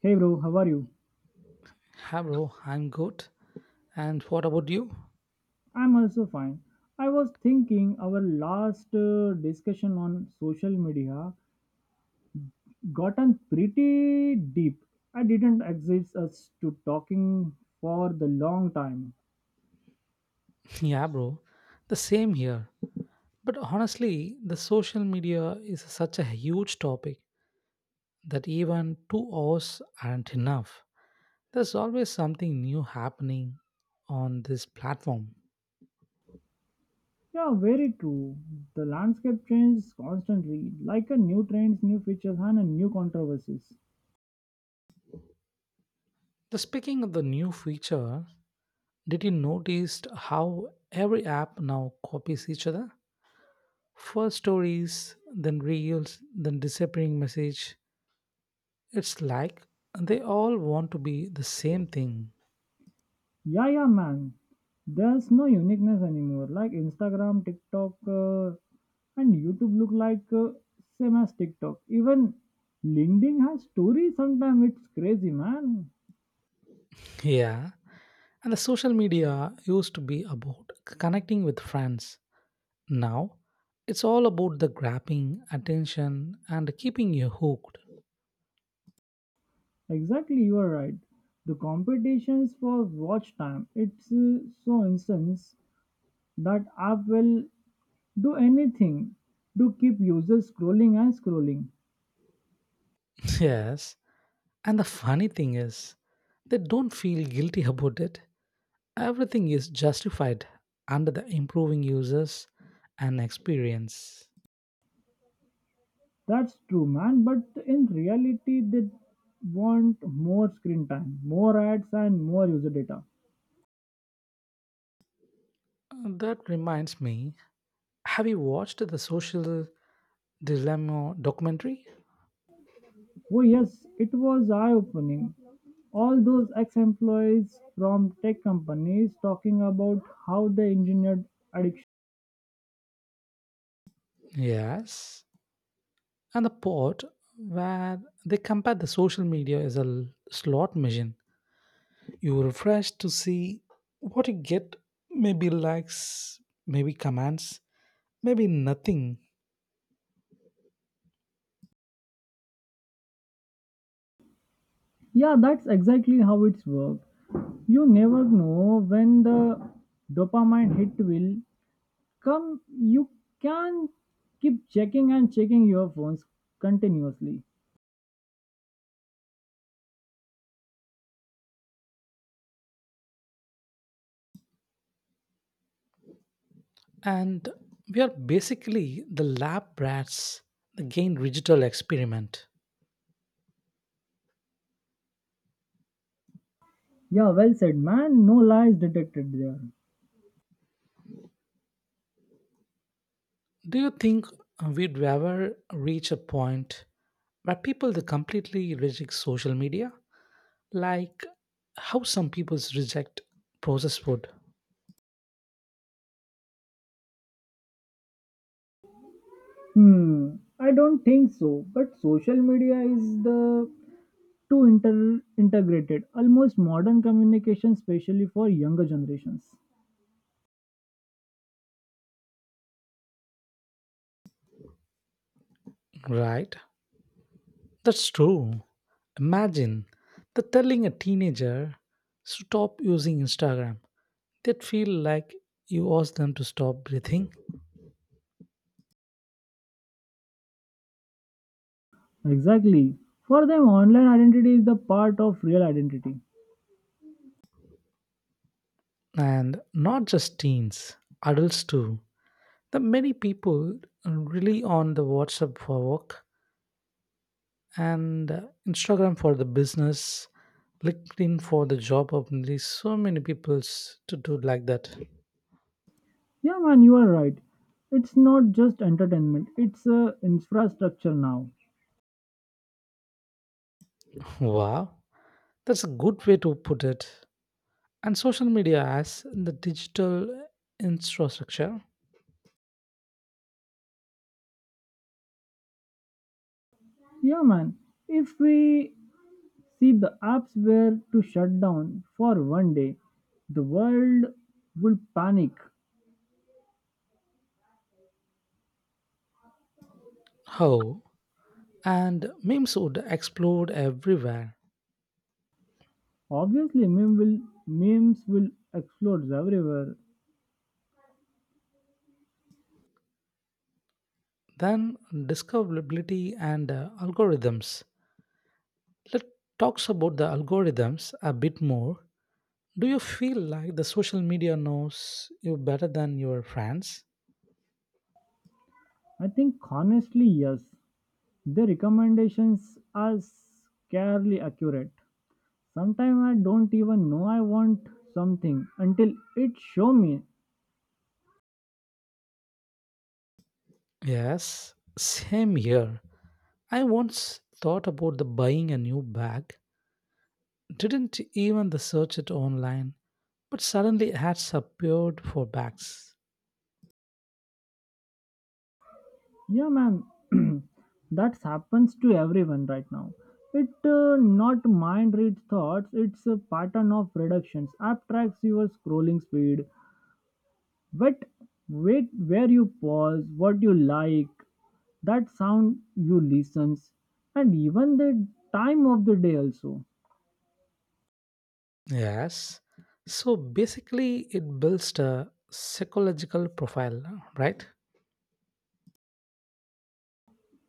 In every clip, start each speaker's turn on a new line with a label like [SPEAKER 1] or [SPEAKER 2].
[SPEAKER 1] Hey bro, how are you?
[SPEAKER 2] Yeah, bro, I'm good. And what about you?
[SPEAKER 1] I'm also fine. I was thinking our last discussion on social media gotten pretty deep. I didn't exist us to talking for the long time.
[SPEAKER 2] Yeah, bro, the same here. But honestly, the social media is such a huge topic that even 2 hours aren't enough. There's always something new happening on this platform.
[SPEAKER 1] Yeah, very true. The landscape changes constantly, like a new trends, new features, and a new controversies.
[SPEAKER 2] The speaking of the new feature, did you notice how every app now copies each other? First stories, then reels, then disappearing message. It's like they all want to be the same thing.
[SPEAKER 1] Yeah, yeah, man. There's no uniqueness anymore. Like Instagram, TikTok, and YouTube look like same as TikTok. Even LinkedIn has stories. Sometimes it's crazy, man.
[SPEAKER 2] Yeah. And the social media used to be about connecting with friends. Now, it's all about the grabbing attention and keeping you hooked.
[SPEAKER 1] Exactly, you are right. The competitions for watch time. It's so instance that app will do anything to keep users scrolling and scrolling.
[SPEAKER 2] Yes. And the funny thing is, they don't feel guilty about it. Everything is justified under the improving users and experience.
[SPEAKER 1] That's true, man. But in reality, they want more screen time, more ads, and more user data.
[SPEAKER 2] That reminds me, have you watched the social dilemma documentary?
[SPEAKER 1] Oh, yes, it was eye opening. All those ex employees from tech companies talking about how they engineered addiction.
[SPEAKER 2] Yes, and the part where they compare the social media is a slot machine. You refresh to see what you get, maybe likes, maybe comments, maybe nothing.
[SPEAKER 1] Yeah, that's exactly how it's worked. You never know when the dopamine hit will come. You can keep checking and checking your phones continuously.
[SPEAKER 2] And we are basically the lab rats, the gain digital experiment.
[SPEAKER 1] Yeah, well said, man. No lies detected there.
[SPEAKER 2] Do you think we'd ever reach a point where people they completely reject social media, like how some people reject processed food?
[SPEAKER 1] Hmm, I don't think so. But social media is the too integrated, almost modern communication, especially for younger generations.
[SPEAKER 2] Right? That's true. Imagine the telling a teenager stop using Instagram. They'd feel like you asked them to stop breathing.
[SPEAKER 1] Exactly. For them, online identity is the part of real identity.
[SPEAKER 2] And not just teens, adults too. The many people really on the WhatsApp for work and Instagram for the business, LinkedIn for the job opportunities. So many people's to do like that.
[SPEAKER 1] Yeah, man, you are right. It's not just entertainment; it's a infrastructure now.
[SPEAKER 2] Wow. That's a good way to put it. And social media as the digital infrastructure,
[SPEAKER 1] Yeah, man. If we See, the apps were to shut down for 1 day. The world would panic.
[SPEAKER 2] how and memes would explode everywhere.
[SPEAKER 1] Obviously, memes will explode everywhere.
[SPEAKER 2] Then discoverability and algorithms. Let's talk about the algorithms a bit more. Do you feel like the social media knows you better than your friends?
[SPEAKER 1] I think honestly, yes. The recommendations are scarcely accurate. Sometimes I don't even know I want something until it show me.
[SPEAKER 2] Yes, same here. I once thought about the buying a new bag. Didn't even the search it online but suddenly ads appeared for bags.
[SPEAKER 1] Yeah, man, that happens to everyone right now. It not mind read thoughts. It's a pattern of reductions. App tracks your scrolling speed. Wait, where you pause, what you like, that sound you listens, and even the time of the day also.
[SPEAKER 2] Yes. So basically, it builds a psychological profile, right?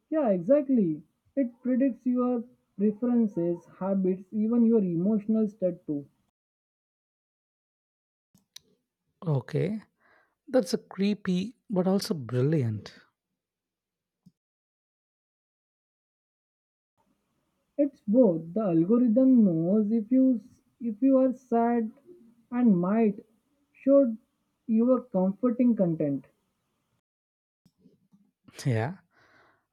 [SPEAKER 1] Yeah, exactly. It predicts your preferences, habits, even your emotional state too.
[SPEAKER 2] Okay. That's a creepy, but also brilliant.
[SPEAKER 1] It's both. The algorithm knows if you are sad and might show you a comforting content.
[SPEAKER 2] Yeah.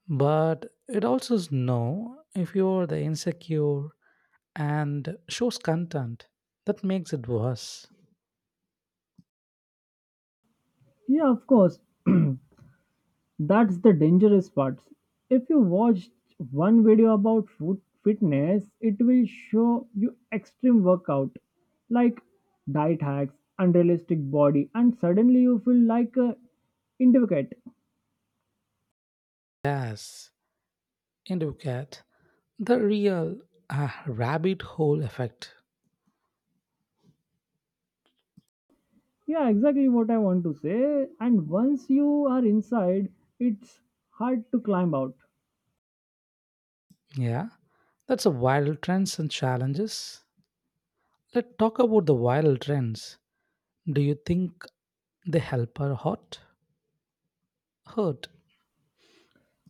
[SPEAKER 2] But it also is know if you're the insecure and shows content that makes it worse.
[SPEAKER 1] Yeah, of course. That's the dangerous part. If you watch one video about food fitness, it will show you extreme workout like diet hacks, unrealistic body, and suddenly you feel like a indicate.
[SPEAKER 2] Yes. And you get the real rabbit hole effect.
[SPEAKER 1] Yeah, exactly what I want to say. And once you are inside, it's hard to climb out.
[SPEAKER 2] Yeah. That's a viral trends and challenges. Let's talk about the viral trends. Do you think they help or hurt? Hurt.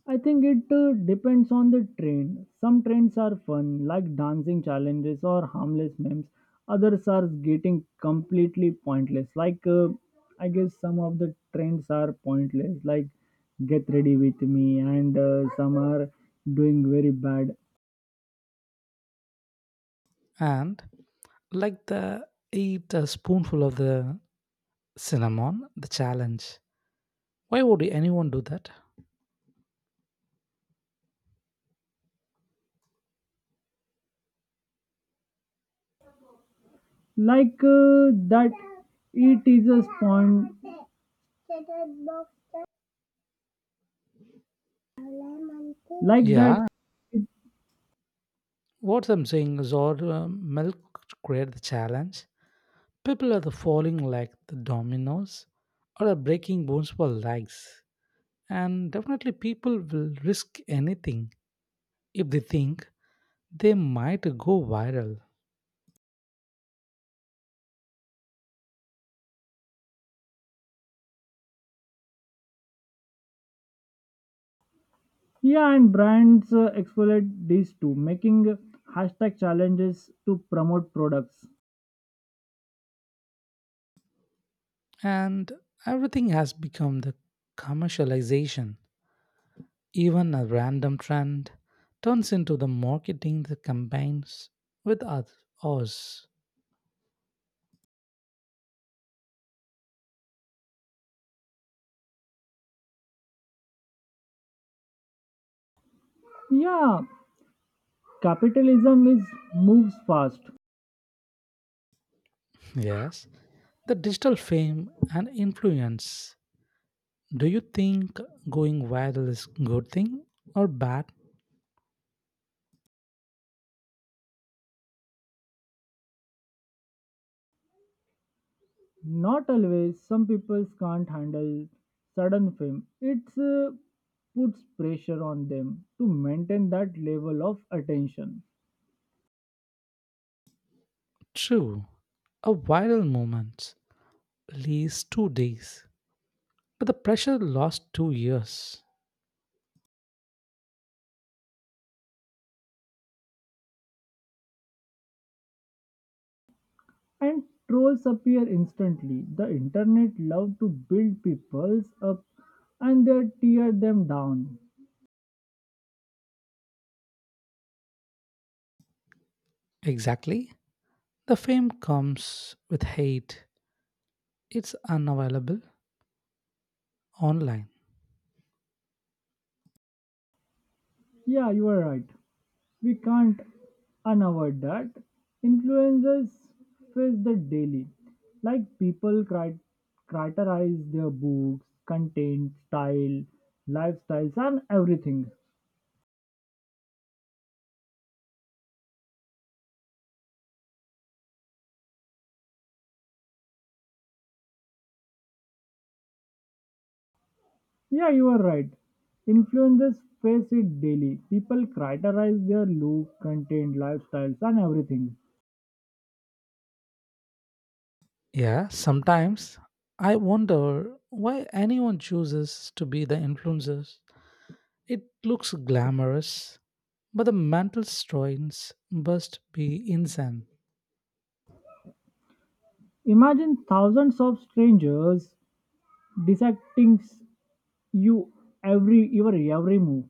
[SPEAKER 1] I think it depends on the train. Some trains are fun, like dancing challenges or harmless memes. Others are getting completely pointless. Like, I guess some of the trends are pointless, like get ready with me, and some are doing very bad.
[SPEAKER 2] And like the eat a spoonful of the cinnamon, the challenge. Why would anyone do that?
[SPEAKER 1] Like that, it is a spawn. Like that,
[SPEAKER 2] Yeah,
[SPEAKER 1] it
[SPEAKER 2] what I'm saying is, or milk create the challenge. People are the falling like the dominoes, or are breaking bones for likes. And definitely, people will risk anything if they think they might go viral.
[SPEAKER 1] Yeah, and brands exploit these too, making hashtag challenges to promote products.
[SPEAKER 2] And everything has become the commercialization. Even a random trend turns into the marketing that combines with us. Us.
[SPEAKER 1] Yeah, capitalism is moves fast.
[SPEAKER 2] Yes, the digital fame and influence. Do you think going viral is good thing or bad?
[SPEAKER 1] Not always. Some people can't handle sudden fame. It's puts pressure on them to maintain that level of attention.
[SPEAKER 2] True, a viral moment lasts 2 days, but the pressure lasts 2 years.
[SPEAKER 1] And trolls appear instantly. The internet love to build peoples up and they tear them down.
[SPEAKER 2] Exactly, the fame comes with hate. It's unavailable online.
[SPEAKER 1] Yeah, you are right. We can't unavoid that. Influencers face that daily. Like people criticize their books, content, style, lifestyles, and everything. Yeah, you are right. Influencers face it daily. People criticize their look, content, lifestyles, and everything.
[SPEAKER 2] Yeah, sometimes I wonder why anyone chooses to be the influencers. It looks glamorous, but the mental strains must be insane.
[SPEAKER 1] Imagine thousands of strangers dissecting you every your every move.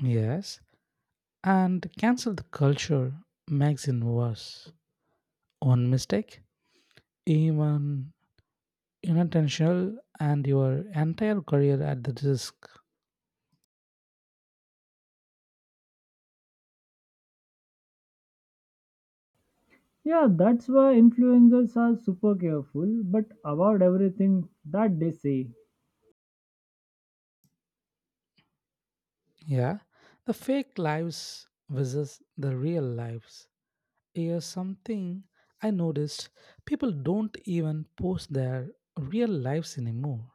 [SPEAKER 2] Yes, and cancel the culture makes it worse. One mistake, even unintentional, and your entire career at the risk.
[SPEAKER 1] Yeah, that's why influencers are super careful but about everything that they say.
[SPEAKER 2] Yeah, the fake lives versus the real lives. Here's something I noticed people don't even post their real lives anymore.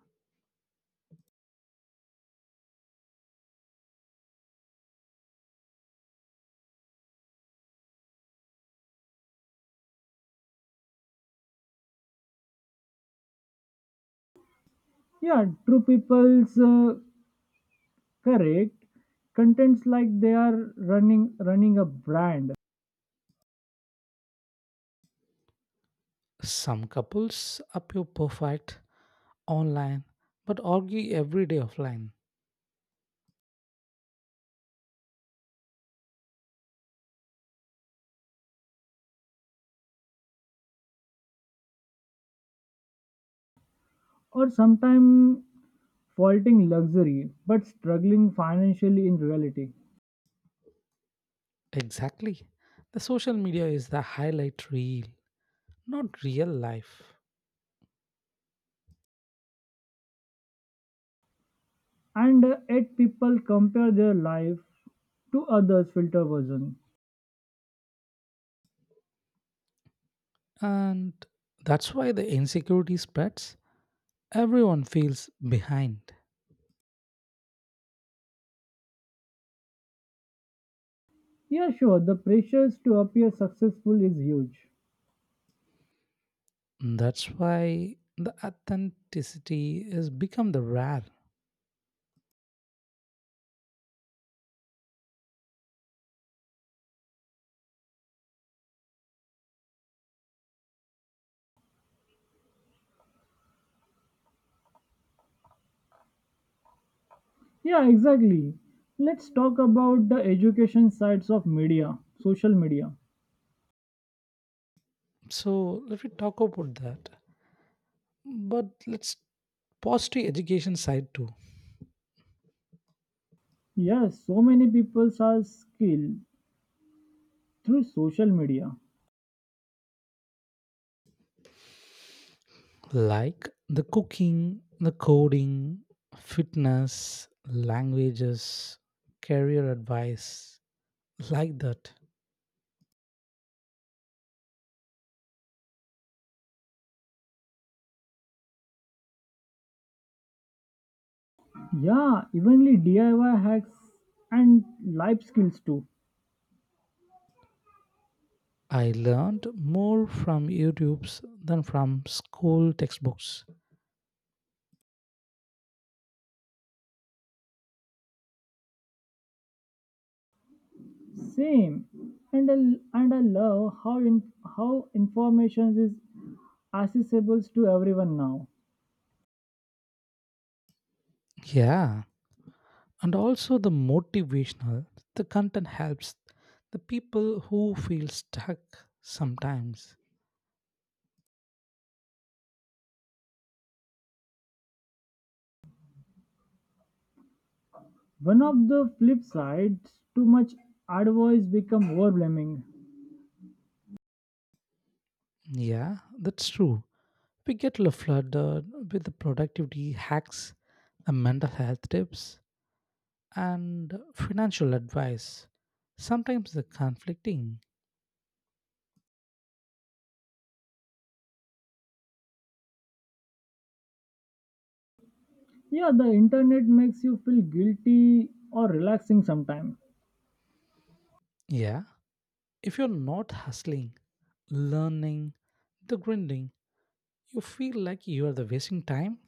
[SPEAKER 1] Yeah, true people's correct contents like they are running a brand
[SPEAKER 2] Some couples appear perfect online but argue every day offline.
[SPEAKER 1] or sometimes faulting luxury but struggling financially in reality.
[SPEAKER 2] Exactly. The social media is the highlight reel, not real life.
[SPEAKER 1] And yet people compare their life to others' filter version.
[SPEAKER 2] And that's why the insecurity spreads. Everyone feels behind.
[SPEAKER 1] Yeah, sure, the pressures to appear successful is huge.
[SPEAKER 2] That's why the authenticity has become the rare.
[SPEAKER 1] Yeah, exactly. Let's talk about the education sides of media, social media.
[SPEAKER 2] So let me talk about that, but let's positive education side too,
[SPEAKER 1] Yes, so many people are skilled through social media.
[SPEAKER 2] like the cooking, the coding, fitness, languages, career advice, like that.
[SPEAKER 1] Yeah, evenly DIY hacks and life skills too.
[SPEAKER 2] I learned more from YouTube's than from school textbooks.
[SPEAKER 1] Same, and I love how information is accessible to everyone now.
[SPEAKER 2] Yeah, and also the motivational the content helps the people who feel stuck sometimes.
[SPEAKER 1] One of the flip sides, too much advice become overwhelming.
[SPEAKER 2] Yeah, that's true. We get flooded with the productivity hacks, the mental health tips, and financial advice. Sometimes the conflicting.
[SPEAKER 1] Yeah, the internet makes you feel guilty or relaxing sometimes.
[SPEAKER 2] Yeah. If you're not hustling, learning, the grinding, you feel like you are the wasting time.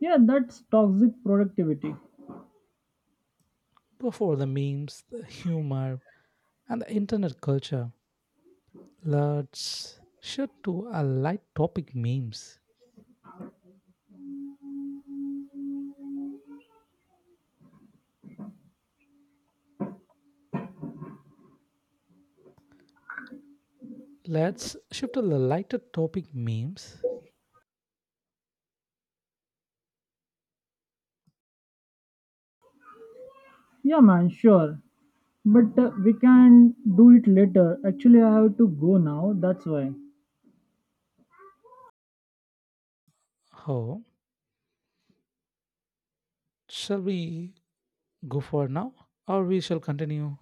[SPEAKER 1] Yeah, that's toxic productivity.
[SPEAKER 2] Go for the memes, the humor, and the internet culture. Let's shift to a light topic memes. Let's shift to the lighter topic memes.
[SPEAKER 1] Yeah, man, sure. But we can do it later. Actually, I have to go now. That's why.
[SPEAKER 2] Oh, shall we go for now or we shall continue?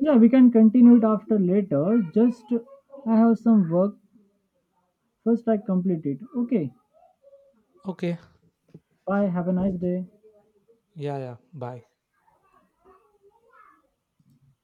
[SPEAKER 1] Yeah, we can continue it after later. Just I have some work. First, I complete it. Okay.
[SPEAKER 2] Okay.
[SPEAKER 1] Bye. Have a nice day.
[SPEAKER 2] Yeah, yeah, bye.